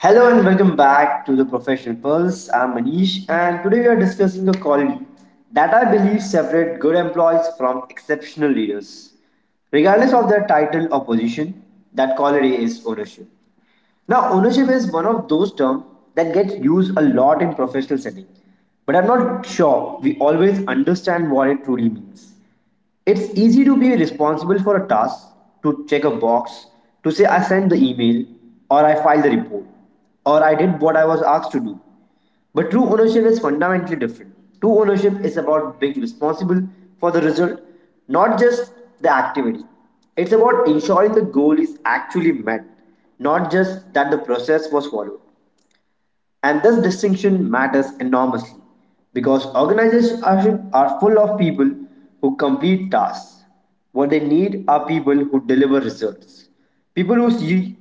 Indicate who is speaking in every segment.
Speaker 1: Hello and welcome back to the Professional Pulse. I'm Manish, and today we are discussing a quality that I believe separate good employees from exceptional leaders, regardless of their title or position. That quality is ownership. Now, ownership is one of those terms that gets used a lot in professional setting, but I'm not sure we always understand what it truly means. It's easy to be responsible for a task, to check a box, to say I sent the email, or I filed the report, or I did what I was asked to do. But true ownership is fundamentally different. True ownership is about being responsible for the result, not just the activity. It's about ensuring the goal is actually met, not just that the process was followed. And this distinction matters enormously because organizations are full of people who complete tasks. What they need are people who deliver results, people who see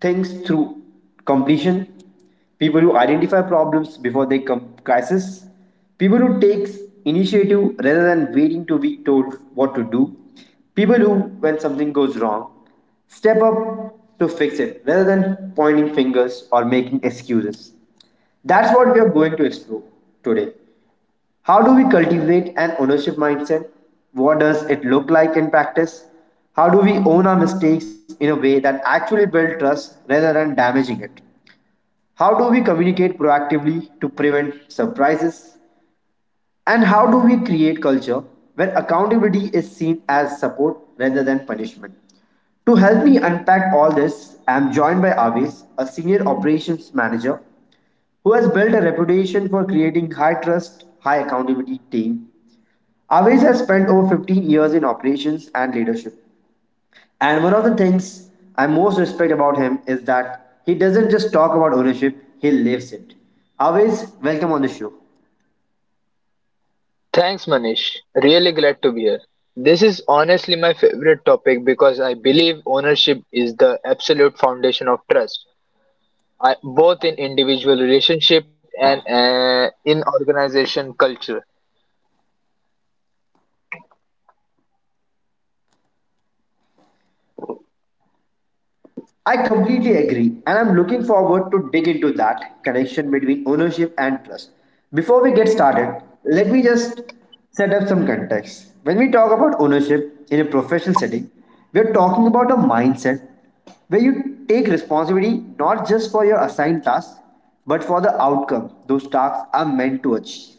Speaker 1: things through completion, people who identify problems before they come crisis, people who takes initiative rather than waiting to be told what to do, people who, when something goes wrong, step up to fix it rather than pointing fingers or making excuses. That's what we are going to explore today. How do we cultivate an ownership mindset? What does it look like in practice? How do we own our mistakes in a way that actually builds trust rather than damaging it? How do we communicate proactively to prevent surprises? And how do we create culture where accountability is seen as support rather than punishment? To help me unpack all this, I am joined by Avis, a senior operations manager who has built a reputation for creating high trust, high accountability team. Aves has spent over 15 years in operations and leadership. And one of the things I most respect about him is that he doesn't just talk about ownership, he lives it. Aves, welcome on the show.
Speaker 2: Thanks, Manish. Really glad to be here. This is honestly my favorite topic because I believe ownership is the absolute foundation of trust, I, both in individual relationship and in organization culture.
Speaker 1: I completely agree, and I'm looking forward to dig into that connection between ownership and trust. Before we get started, let me just set up some context. When we talk about ownership in a professional setting, we're talking about a mindset where you take responsibility not just for your assigned tasks, but for the outcome those tasks are meant to achieve.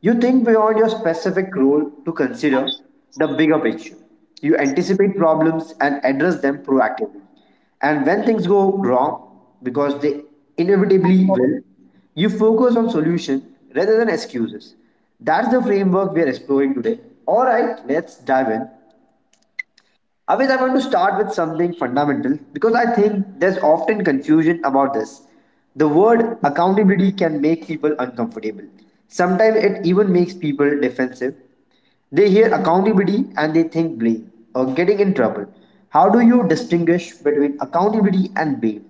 Speaker 1: You think beyond your specific role to consider the bigger picture. You anticipate problems and address them proactively. And when things go wrong, because they inevitably will, you focus on solution rather than excuses. That's the framework we are exploring today. All right, let's dive in. Aved, I want to start with something fundamental because I think there's often confusion about this. The word accountability can make people uncomfortable. Sometimes it even makes people defensive. They hear accountability and they think blame or getting in trouble. How do you distinguish between accountability and blame?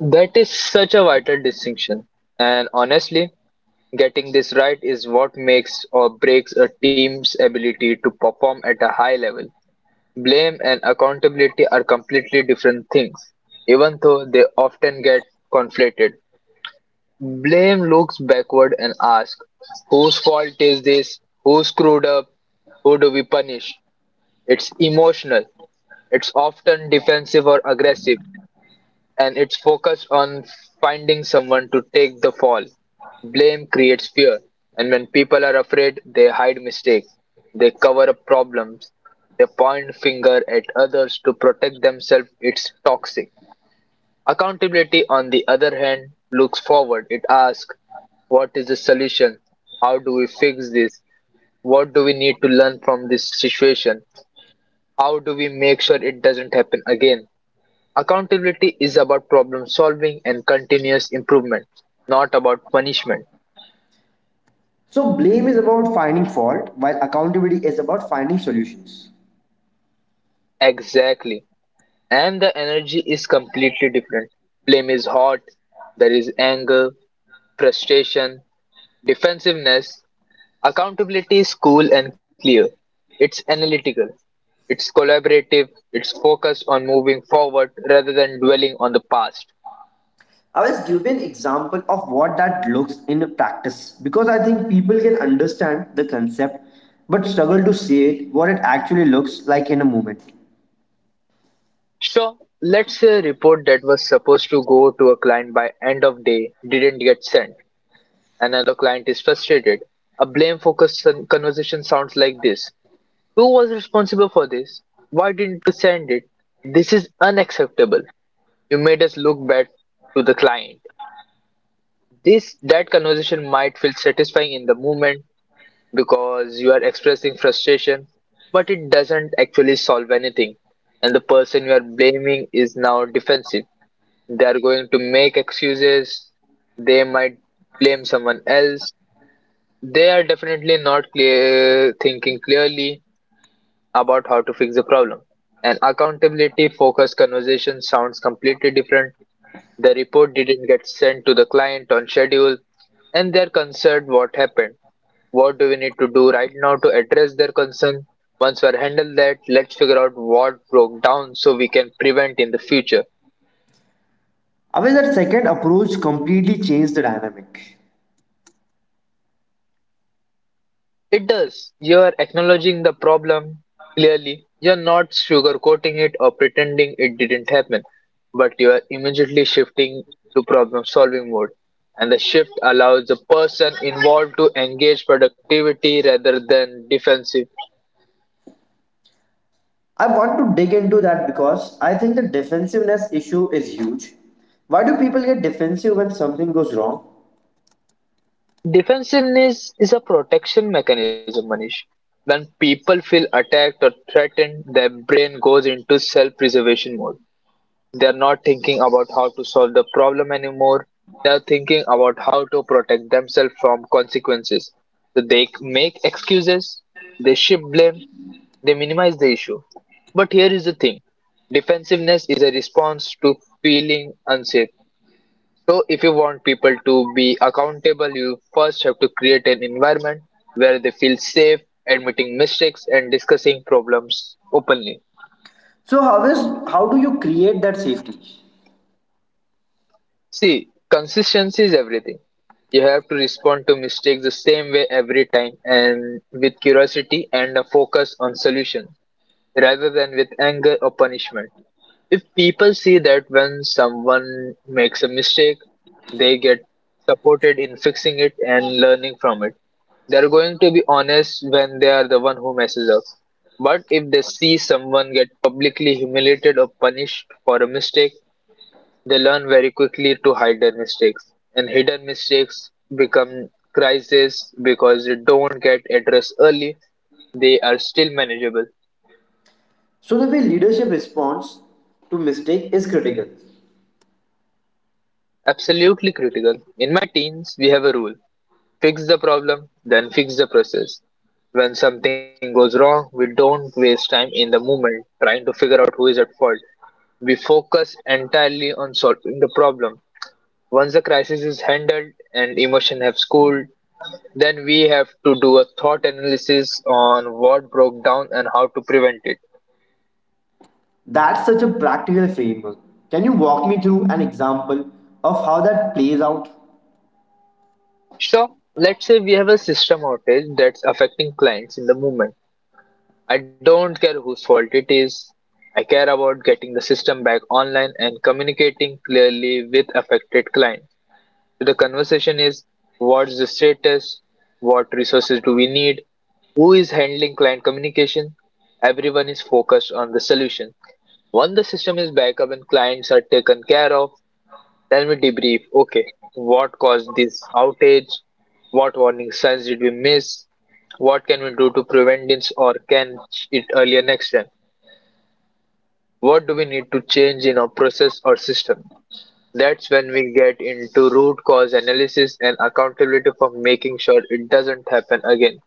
Speaker 2: That is such a vital distinction. And honestly, getting this right is what makes or breaks a team's ability to perform at a high level. Blame and accountability are completely different things, even though they often get conflated. Blame looks backward and asks, whose fault is this? Who screwed up? Who do we punish? It's emotional, it's often defensive or aggressive, and it's focused on finding someone to take the fall. Blame creates fear, and when people are afraid, they hide mistakes, they cover up problems, they point finger at others to protect themselves. It's toxic. Accountability, on the other hand, looks forward. It asks, what is the solution? How do we fix this? What do we need to learn from this situation? How do we make sure it doesn't happen again? Accountability is about problem solving and continuous improvement, not about punishment.
Speaker 1: So, blame is about finding fault, while accountability is about finding solutions.
Speaker 2: Exactly. And the energy is completely different. Blame is hot, there is anger, frustration, defensiveness. Accountability is cool and clear. It's analytical. It's collaborative. It's focused on moving forward rather than dwelling on the past.
Speaker 1: I was given example of what that looks in practice because I think people can understand the concept but struggle to see it what it actually looks like in a moment.
Speaker 2: Sure, let's say a report that was supposed to go to a client by end of day didn't get sent. Another client is frustrated. A blame focused conversation sounds like this. Who was responsible for this? Why didn't you send it? This is unacceptable. You made us look bad to the client. This That conversation might feel satisfying in the moment because you are expressing frustration, but it doesn't actually solve anything, and the person you are blaming is now defensive. They are going to make excuses, they might blame someone else. They are definitely not clear, thinking clearly about how to fix the problem. An accountability focused conversation sounds completely different. The report didn't get sent to the client on schedule, and they're concerned what happened. What do we need to do right now to address their concern? Once we are handled that, let's figure out what broke down so we can prevent in the future.
Speaker 1: I mean that second approach completely changed the dynamic.
Speaker 2: It does. You're acknowledging the problem clearly. You're not sugarcoating it or pretending it didn't happen, but you're immediately shifting to problem solving mode. And the shift allows the person involved to engage productivity rather than defensive.
Speaker 1: I want to dig into that because I think the defensiveness issue is huge. Why do people get defensive when something goes wrong?
Speaker 2: Defensiveness is a protection mechanism, Manish. When people feel attacked or threatened, their brain goes into self preservation mode. They are not thinking about how to solve the problem anymore. They are thinking about how to protect themselves from consequences. So they make excuses, they shift blame, they minimize the issue. But here is the thing, defensiveness is a response to feeling unsafe. So, if you want people to be accountable, you first have to create an environment where they feel safe admitting mistakes and discussing problems openly.
Speaker 1: So how do you create that safety?
Speaker 2: See, consistency is everything. You have to respond to mistakes the same way every time, and with curiosity and a focus on solution rather than with anger or punishment. If people see that when someone makes a mistake, they get supported in fixing it and learning from it, they're going to be honest when they are the one who messes up. But if they see someone get publicly humiliated or punished for a mistake, they learn very quickly to hide their mistakes. And hidden mistakes become crises because they don't get addressed early, they are still manageable.
Speaker 1: So the way leadership responds to mistake is critical.
Speaker 2: Absolutely critical. In my teens, we have a rule. Fix the problem, then fix the process. When something goes wrong, we don't waste time in the moment trying to figure out who is at fault. We focus entirely on solving the problem. Once the crisis is handled and emotion have cooled, then we have to do a thought analysis on what broke down and how to prevent it.
Speaker 1: That's such a practical framework. Can you walk me through an example of how that plays out?
Speaker 2: So, let's say we have a system outage that's affecting clients in the moment. I don't care whose fault it is. I care about getting the system back online and communicating clearly with affected clients. So the conversation is, what's the status? What resources do we need? Who is handling client communication? Everyone is focused on the solution. Once the system is back up and clients are taken care of, then we debrief. Okay, what caused this outage? What warning signs did we miss? What can we do to prevent this or catch it earlier next time? What do we need to change in our process or system? That's when we get into root cause analysis and accountability for making sure it doesn't happen again.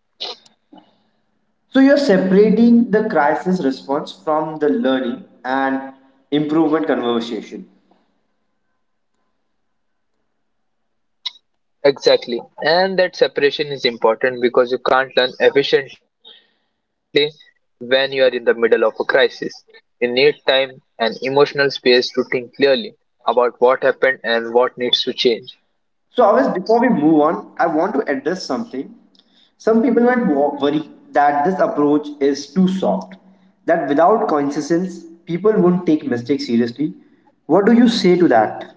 Speaker 1: So, you're separating the crisis response from the learning and improvement conversation.
Speaker 2: Exactly. And that separation is important because you can't learn efficiently when you are in the middle of a crisis. You need time and emotional space to think clearly about what happened and what needs to change.
Speaker 1: So, always before we move on, I want to address something. Some people might worry that this approach is too soft, that without consistence, people won't take mistakes seriously. What do you say to that?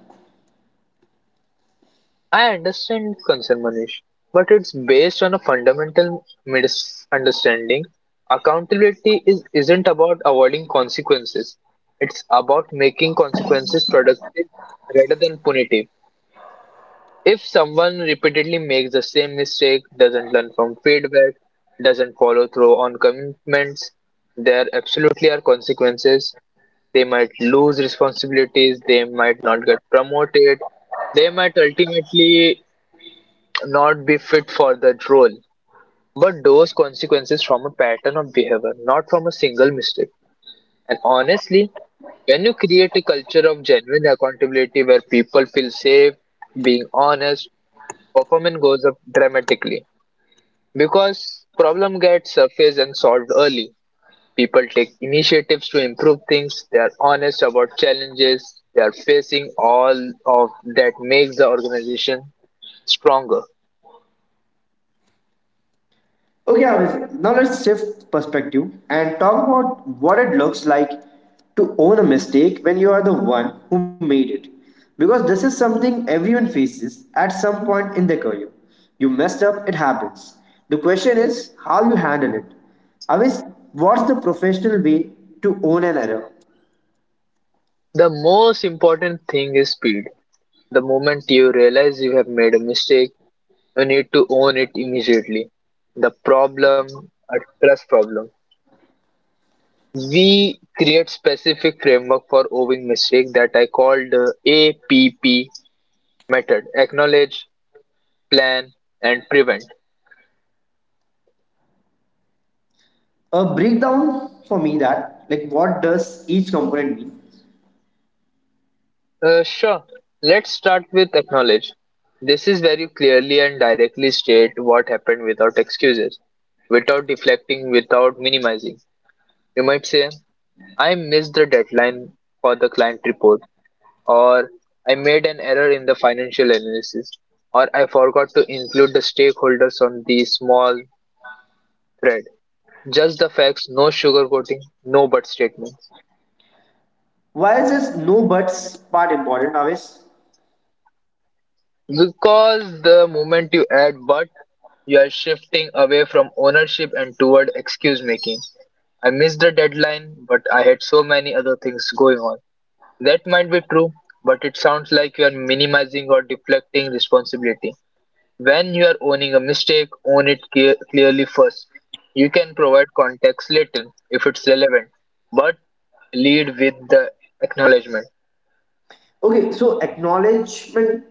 Speaker 2: I understand concern, Manish, but it's based on a fundamental misunderstanding. Accountability is, isn't about avoiding consequences. It's about making consequences productive rather than punitive. If someone repeatedly makes the same mistake, doesn't learn from feedback, doesn't follow through on commitments, there absolutely are consequences. They might lose responsibilities, they might not get promoted, they might ultimately not be fit for that role. But those consequences from a pattern of behavior, not from a single mistake. And honestly, when you create a culture of genuine accountability where people feel safe being honest, performance goes up dramatically because problem gets surfaced and solved early. People take initiatives to improve things. They are honest about challenges they are facing. All of that makes the organization stronger.
Speaker 1: Okay, Avis, now let's shift perspective and talk about what it looks like to own a mistake when you are the one who made it. Because this is something everyone faces at some point in their career. You messed up, it happens. The question is how you handle it. Avis, what's the professional way to own an error?
Speaker 2: The most important thing is speed. The moment you realize you have made a mistake, you need to own it immediately. The problem, a trust problem. We create specific framework for owning mistake that I called APP Method: acknowledge, plan, and prevent.
Speaker 1: A breakdown for me that, like, what does each component mean?
Speaker 2: Sure. Let's start with acknowledge. This is very clearly and directly state what happened without excuses, without deflecting, without minimizing. You might say, I missed the deadline for the client report, or I made an error in the financial analysis, or I forgot to include the stakeholders on the small thread. Just the facts, no sugarcoating, no but statements.
Speaker 1: Why is this no buts part important, Avis?
Speaker 2: Because the moment you add "but", you are shifting away from ownership and toward excuse making. I missed the deadline, but I had so many other things going on. That might be true, but it sounds like you are minimizing or deflecting responsibility. When you are owning a mistake, own it clearly first. You can provide context later if it's relevant, but lead with the acknowledgement.
Speaker 1: Okay, so acknowledgement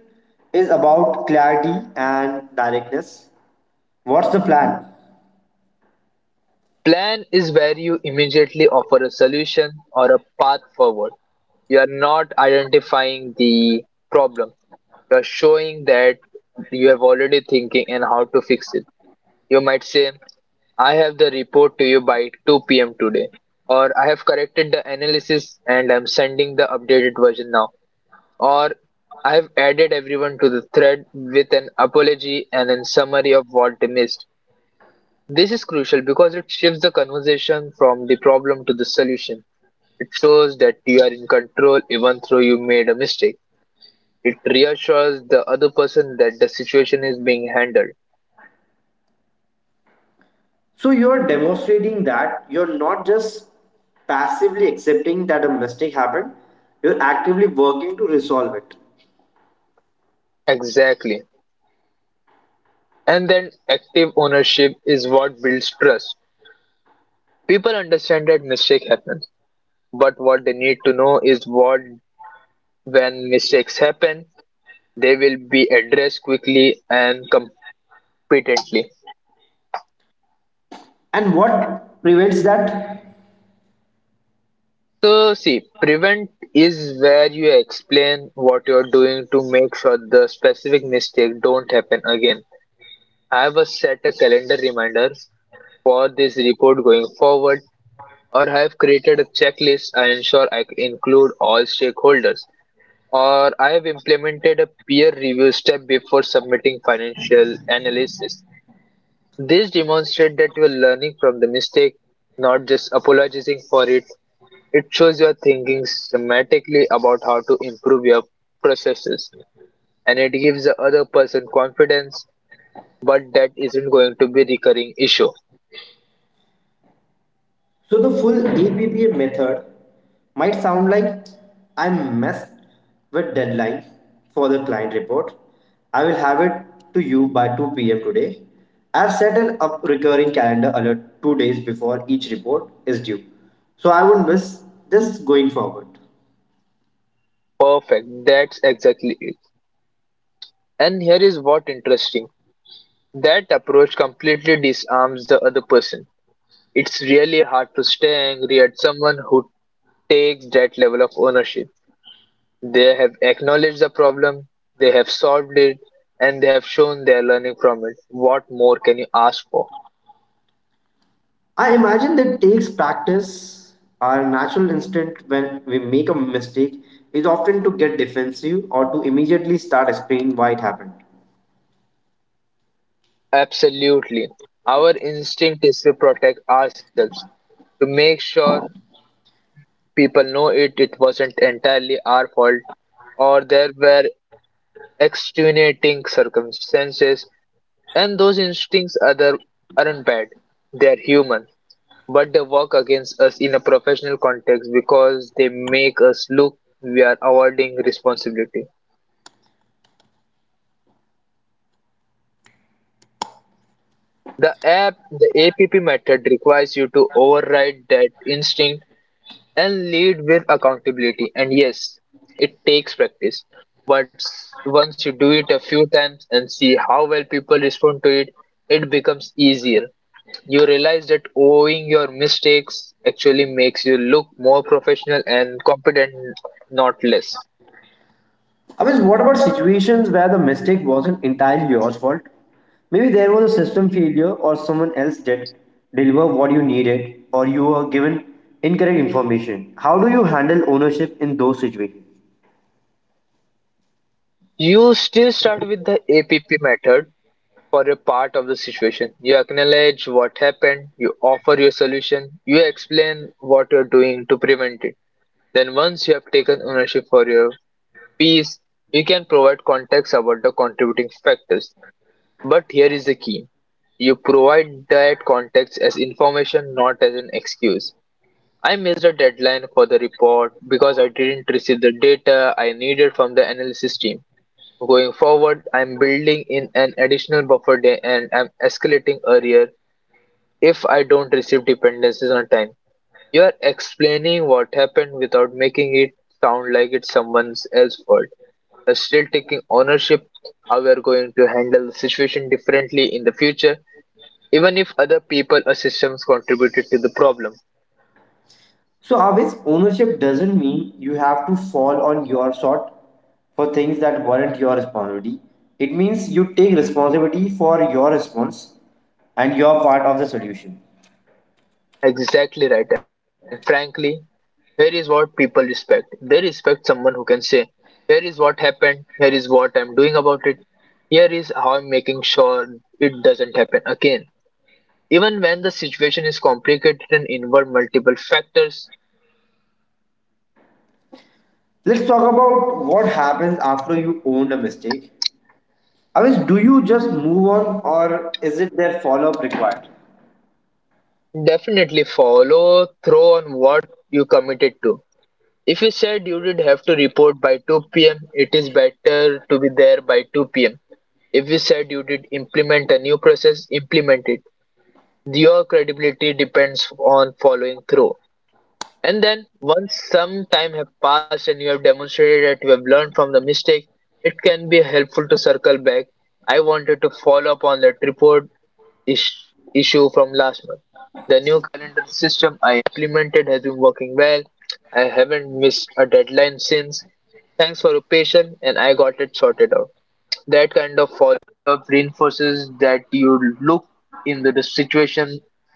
Speaker 1: is about clarity and directness. What's the plan?
Speaker 2: Plan is where you immediately offer a solution or a path forward. You are not identifying the problem. You are showing that you have already thinking and how to fix it. You might say, I have the report to you by 2 p.m. today. Or I have corrected the analysis and I'm sending the updated version now. Or I have added everyone to the thread with an apology and a summary of what they missed. This is crucial because it shifts the conversation from the problem to the solution. It shows that you are in control even though you made a mistake. It reassures the other person that the situation is being handled.
Speaker 1: So you're demonstrating that you're not just passively accepting that a mistake happened, you're actively working to resolve it.
Speaker 2: Exactly. And then active ownership is what builds trust. People understand that mistake happens, but what they need to know is what when mistakes happen, they will be addressed quickly and competently.
Speaker 1: And what prevents that?
Speaker 2: So, see, prevent is where you explain what you're doing to make sure the specific mistake don't happen again. I have a set a calendar reminders for this report going forward, or I have created a checklist I ensure I include all stakeholders, or I have implemented a peer review step before submitting financial analysis. This demonstrates that you are learning from the mistake, not just apologizing for it. It shows you are thinking systematically about how to improve your processes, and it gives the other person confidence, but that isn't going to be a recurring issue.
Speaker 1: So the full APPA method might sound like I messed with deadline for the client report. I will have it to you by 2 p.m. today. I've set an up recurring calendar alert 2 days before each report is due. So I won't miss this going forward.
Speaker 2: Perfect, that's exactly it. And here is what interesting. That approach completely disarms the other person. It's really hard to stay angry at someone who takes that level of ownership. They have acknowledged the problem, they have solved it, and they have shown their learning from it. What more can you ask for?
Speaker 1: I imagine that takes practice. Our natural instinct when we make a mistake is often to get defensive or to immediately start explaining why it happened.
Speaker 2: Absolutely. Our instinct is to protect ourselves, to make sure people know it wasn't entirely our fault, or there were extenuating circumstances, and those instincts other aren't bad. They're human. But they work against us in a professional context because they make us look we are avoiding responsibility. The APP method requires you to override that instinct and lead with accountability. And yes, it takes practice. But once you do it a few times and see how well people respond to it, it becomes easier. You realize that owing your mistakes actually makes you look more professional and competent, not less.
Speaker 1: I mean, what about situations where the mistake wasn't entirely your fault? Maybe there was a system failure, or someone else did deliver what you needed, or you were given incorrect information. How do you handle ownership in those situations?
Speaker 2: You still start with the APP method for a part of the situation. You acknowledge what happened, you offer your solution, you explain what you're doing to prevent it. Then, once you have taken ownership for your piece, you can provide context about the contributing factors. But here is the key, you provide that context as information, not as an excuse. I missed the deadline for the report because I didn't receive the data I needed from the analysis team. Going forward, I'm building in an additional buffer day and I'm escalating earlier if I don't receive dependencies on time. You're explaining what happened without making it sound like it's someone else's fault. You're still taking ownership, how you're going to handle the situation differently in the future, even if other people or systems contributed to the problem.
Speaker 1: So, always ownership doesn't mean you have to fall on your sword for things that weren't your responsibility. It means you take responsibility for your response and you're part of the solution.
Speaker 2: Exactly right. And frankly, here is what people respect. They respect someone who can say, here is what happened, here is what I'm doing about it, here is how I'm making sure it doesn't happen again. Even when the situation is complicated and involve multiple factors,
Speaker 1: Let's talk about what happens after you owned a mistake. Avish, do you just move on or is it there follow up required?
Speaker 2: definitely follow through on what you committed to. If you said you did have to report by 2 p.m., it is better to be there by 2 pm. If you said you did implement a new process, implement it. Your credibility depends on following through. And then, once some time have passed and you have demonstrated that you have learned from the mistake, it can be helpful to circle back. I wanted to follow up on that report is- issue from last month. The new calendar system I implemented has been working well. I haven't missed a deadline since. Thanks for your patience, and I got it sorted out. That kind of follow up reinforces that you look into the situation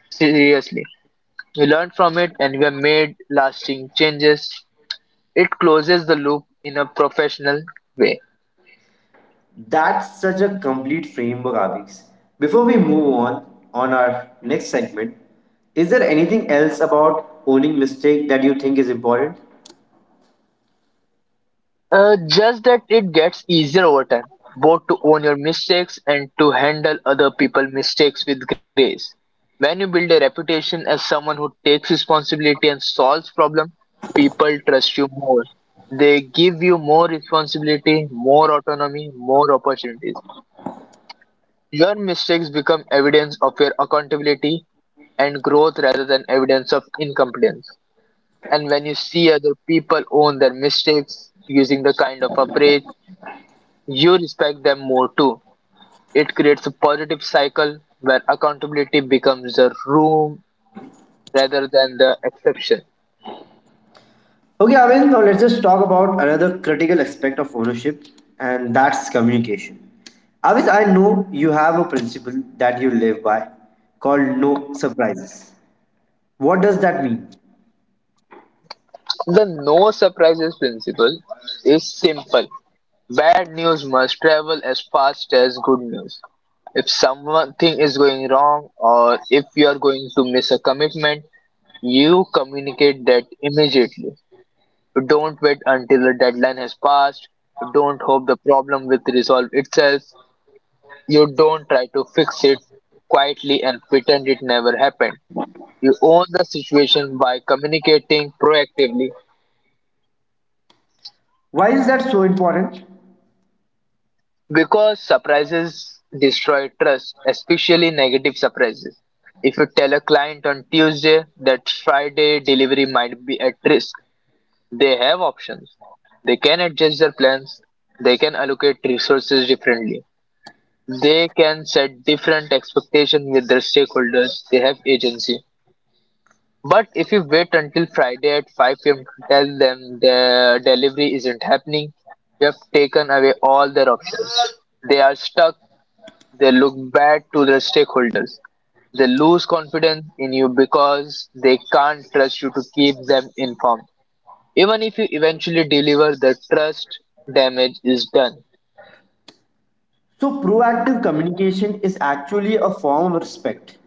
Speaker 2: seriously, we learned from it and we have made lasting changes. It closes the loop in a professional way.
Speaker 1: That's such a complete framework, Avish. Before we move on our next segment, is there anything else about owning mistake that you think is important?
Speaker 2: Just that it gets easier over time, both to own your mistakes and to handle other people's mistakes with grace. When you build a reputation as someone who takes responsibility and solves problems, people trust you more. They give you more responsibility, more autonomy, more opportunities. Your mistakes become evidence of your accountability and growth rather than evidence of incompetence. And when you see other people own their mistakes using the kind of approach, you respect them more too. It creates a positive cycle where accountability becomes the room rather than the exception.
Speaker 1: Okay, Avish, now let's just talk about another critical aspect of ownership and that's communication. Avish, I know you have a principle that you live by called no surprises. What does that mean?
Speaker 2: The no surprises principle is simple. Bad news must travel as fast as good news. If something is going wrong or if you are going to miss a commitment, you communicate that immediately. Don't wait until the deadline has passed. Don't hope the problem will resolve itself. You don't try to fix it quietly and pretend it never happened. You own the situation by communicating proactively.
Speaker 1: Why is that so important?
Speaker 2: Because surprises destroy trust, especially negative surprises. If you tell a client on Tuesday that Friday delivery might be at risk, they have options. They can adjust their plans, they can allocate resources differently, they can set different expectations with their stakeholders, they have agency. But if you wait until Friday at 5 p.m. to tell them the delivery isn't happening, you have taken away all their options. They are stuck, they look bad to their stakeholders. They lose confidence in you because they can't trust you to keep them informed. Even if you eventually deliver, the trust damage is done.
Speaker 1: So proactive communication is actually a form of respect.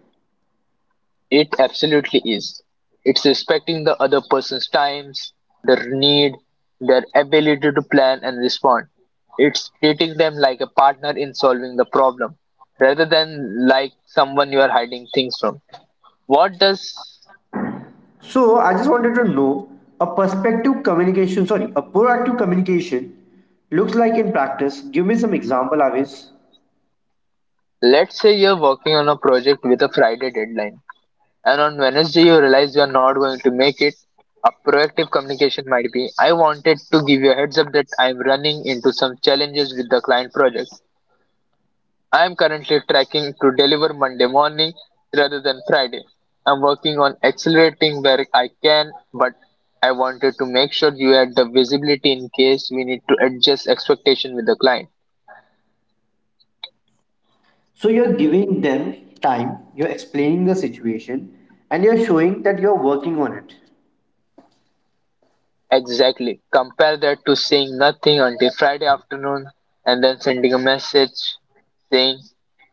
Speaker 2: It absolutely is. It's respecting the other person's times, their need, their ability to plan and respond. It's treating them like a partner in solving the problem rather than like someone you are hiding things from. What does.
Speaker 1: So I just wanted to know a proactive communication looks like in practice. Give me some example, Avis.
Speaker 2: Let's say you're working on a project with a Friday deadline, and on Wednesday you realize you're not going to make it. A proactive communication might be, I wanted to give you a heads up that I'm running into some challenges with the client project. I am currently tracking to deliver Monday morning rather than Friday. I'm working on accelerating where I can, but I wanted to make sure you had the visibility in case we need to adjust expectation with the client.
Speaker 1: So you're giving them time, you're explaining the situation, and you're showing that you're working on it.
Speaker 2: Exactly. Compare that to saying nothing until Friday afternoon and then sending a message saying,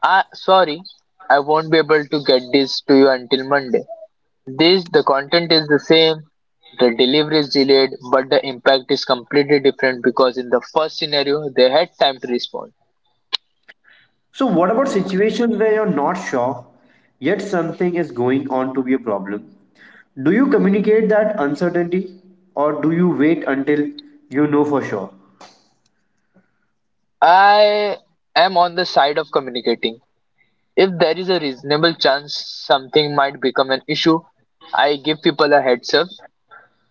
Speaker 2: ah, sorry, I won't be able to get this to you until Monday. This, the content is the same, the delivery is delayed, but the impact is completely different because in the first scenario, they had time to respond.
Speaker 1: So what about situations where you're not sure, yet something is going on to be a problem? Do you communicate that uncertainty or do you wait until you know for sure?
Speaker 2: I am on the side of communicating. If there is a reasonable chance something might become an issue, I give people a heads up.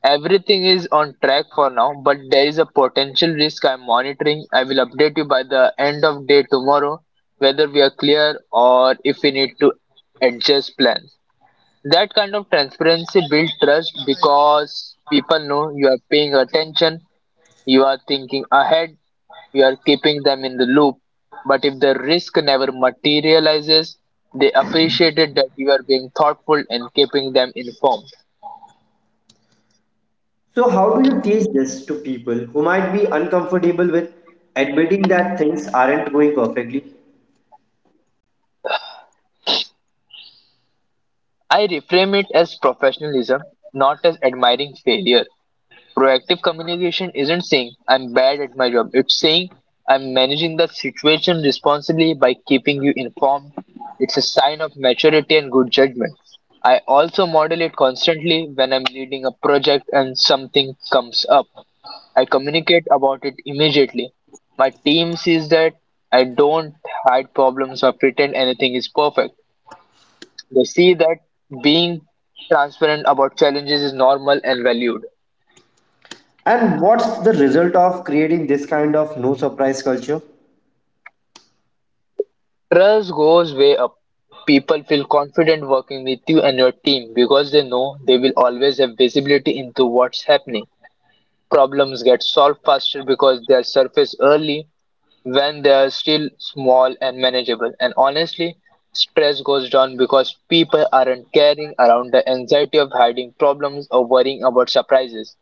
Speaker 2: Everything is on track for now, but there is a potential risk I'm monitoring. I will update you by the end of day tomorrow whether we are clear or if we need to adjust plans. That kind of transparency builds trust because people know you are paying attention, you are thinking ahead, you are keeping them in the loop. But if the risk never materializes, they appreciate it that you are being thoughtful and keeping them informed.
Speaker 1: So, how do you teach this to people who might be uncomfortable with admitting that things aren't going perfectly?
Speaker 2: I reframe it as professionalism, not as admiring failure. Proactive communication isn't saying I'm bad at my job, it's saying I'm managing the situation responsibly by keeping you informed. It's a sign of maturity and good judgment. I also model it constantly when I'm leading a project and something comes up. I communicate about it immediately. My team sees that I don't hide problems or pretend anything is perfect. They see that being transparent about challenges is normal and valued.
Speaker 1: And what's the result of creating this kind of no surprise culture?
Speaker 2: Trust goes way up. People feel confident working with you and your team because they know they will always have visibility into what's happening. Problems get solved faster because they are surfaced early when they are still small and manageable. And honestly, stress goes down because people aren't carrying around the anxiety of hiding problems or worrying about surprises.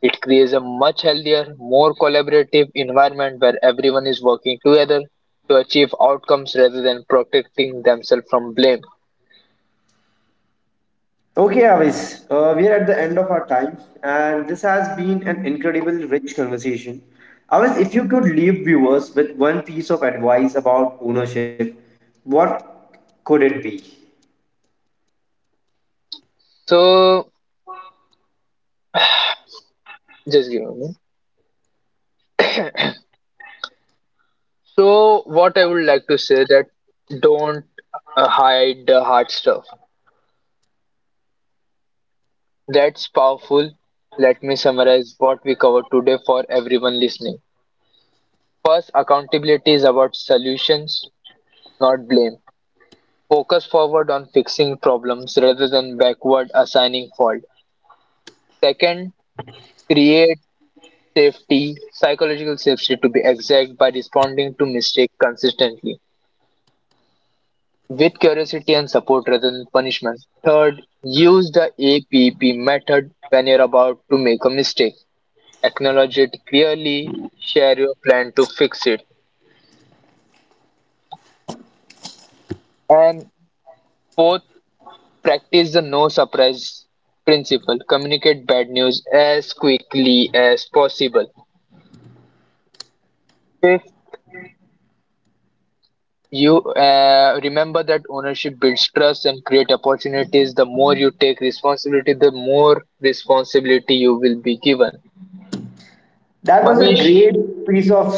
Speaker 2: It creates a much healthier, more collaborative environment where everyone is working together to achieve outcomes rather than protecting themselves from blame.
Speaker 1: Okay, Avis, we are at the end of our time, and this has been an incredible, rich conversation. Avis, if you could leave viewers with one piece of advice about ownership, what could it be?
Speaker 2: So just give me. A minute. So what I would like to say that don't hide the hard stuff. That's powerful. Let me summarize what we covered today for everyone listening. First, accountability is about solutions, not blame. Focus forward on fixing problems rather than backward assigning fault. Second, create safety, psychological safety to be exact, by responding to mistake consistently with curiosity and support rather than punishment. Third, use the APP method when you're about to make a mistake. Acknowledge it clearly, share your plan to fix it. And fourth, practice the no surprise principle. Communicate bad news as quickly as possible. Fifth, you remember that ownership builds trust and create opportunities. The more you take responsibility, the more responsibility you will be given.
Speaker 1: That was a
Speaker 2: Manish,
Speaker 1: great piece of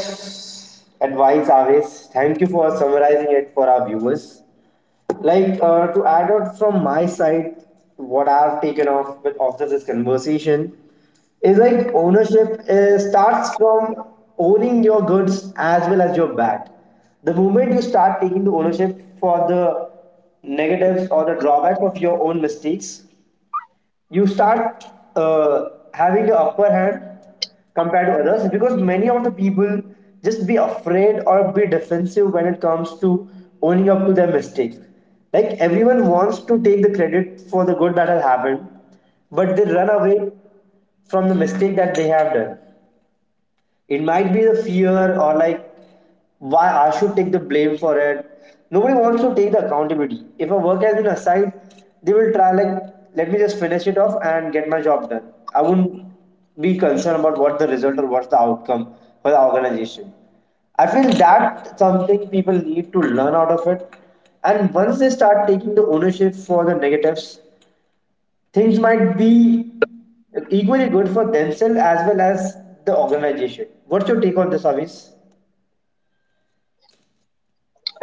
Speaker 1: advice, Avis. Thank you for summarizing it for our viewers. Like to add out from my side what I've taken off with after this conversation is like ownership starts from owning your goods as well as your bad. The moment you start taking the ownership for the negatives or the drawback of your own mistakes, you start having the upper hand compared to others, because many of the people just be afraid or be defensive when it comes to owning up to their mistakes. Like everyone wants to take the credit for the good that has happened, but they run away from the mistake that they have done. It might be the fear or like why I should take the blame for it. Nobody wants to take the accountability. If a work has been assigned, they will try like let me just finish it off and get my job done. I wouldn't be concerned about what the result or what's the outcome for the organization. I feel that something people need to learn out of it. And once they start taking the ownership for the negatives, things might be equally good for themselves as well as the organization. What's your take on this, Avis?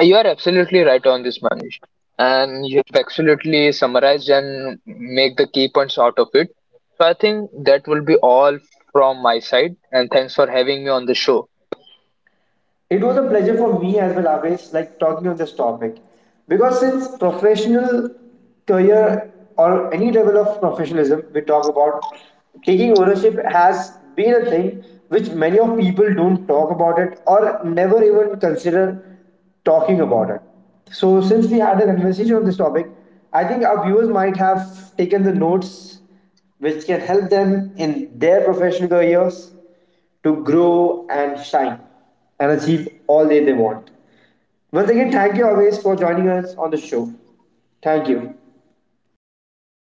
Speaker 2: you are absolutely right on this, Manish. And you have absolutely summarized and make the key points out of it. So I think that will be all from my side. And thanks for having me on the show.
Speaker 1: It was a pleasure for me as well, always like talking on this topic because since professional career or any level of professionalism we talk about, taking ownership has been a thing which many of people don't talk about it or never even consider talking about it. So since we had a conversation on this topic, I think our viewers might have taken the notes which can help them in their professional careers to grow and shine and achieve all that they want. Once again, thank you always for joining us on the show. Thank you.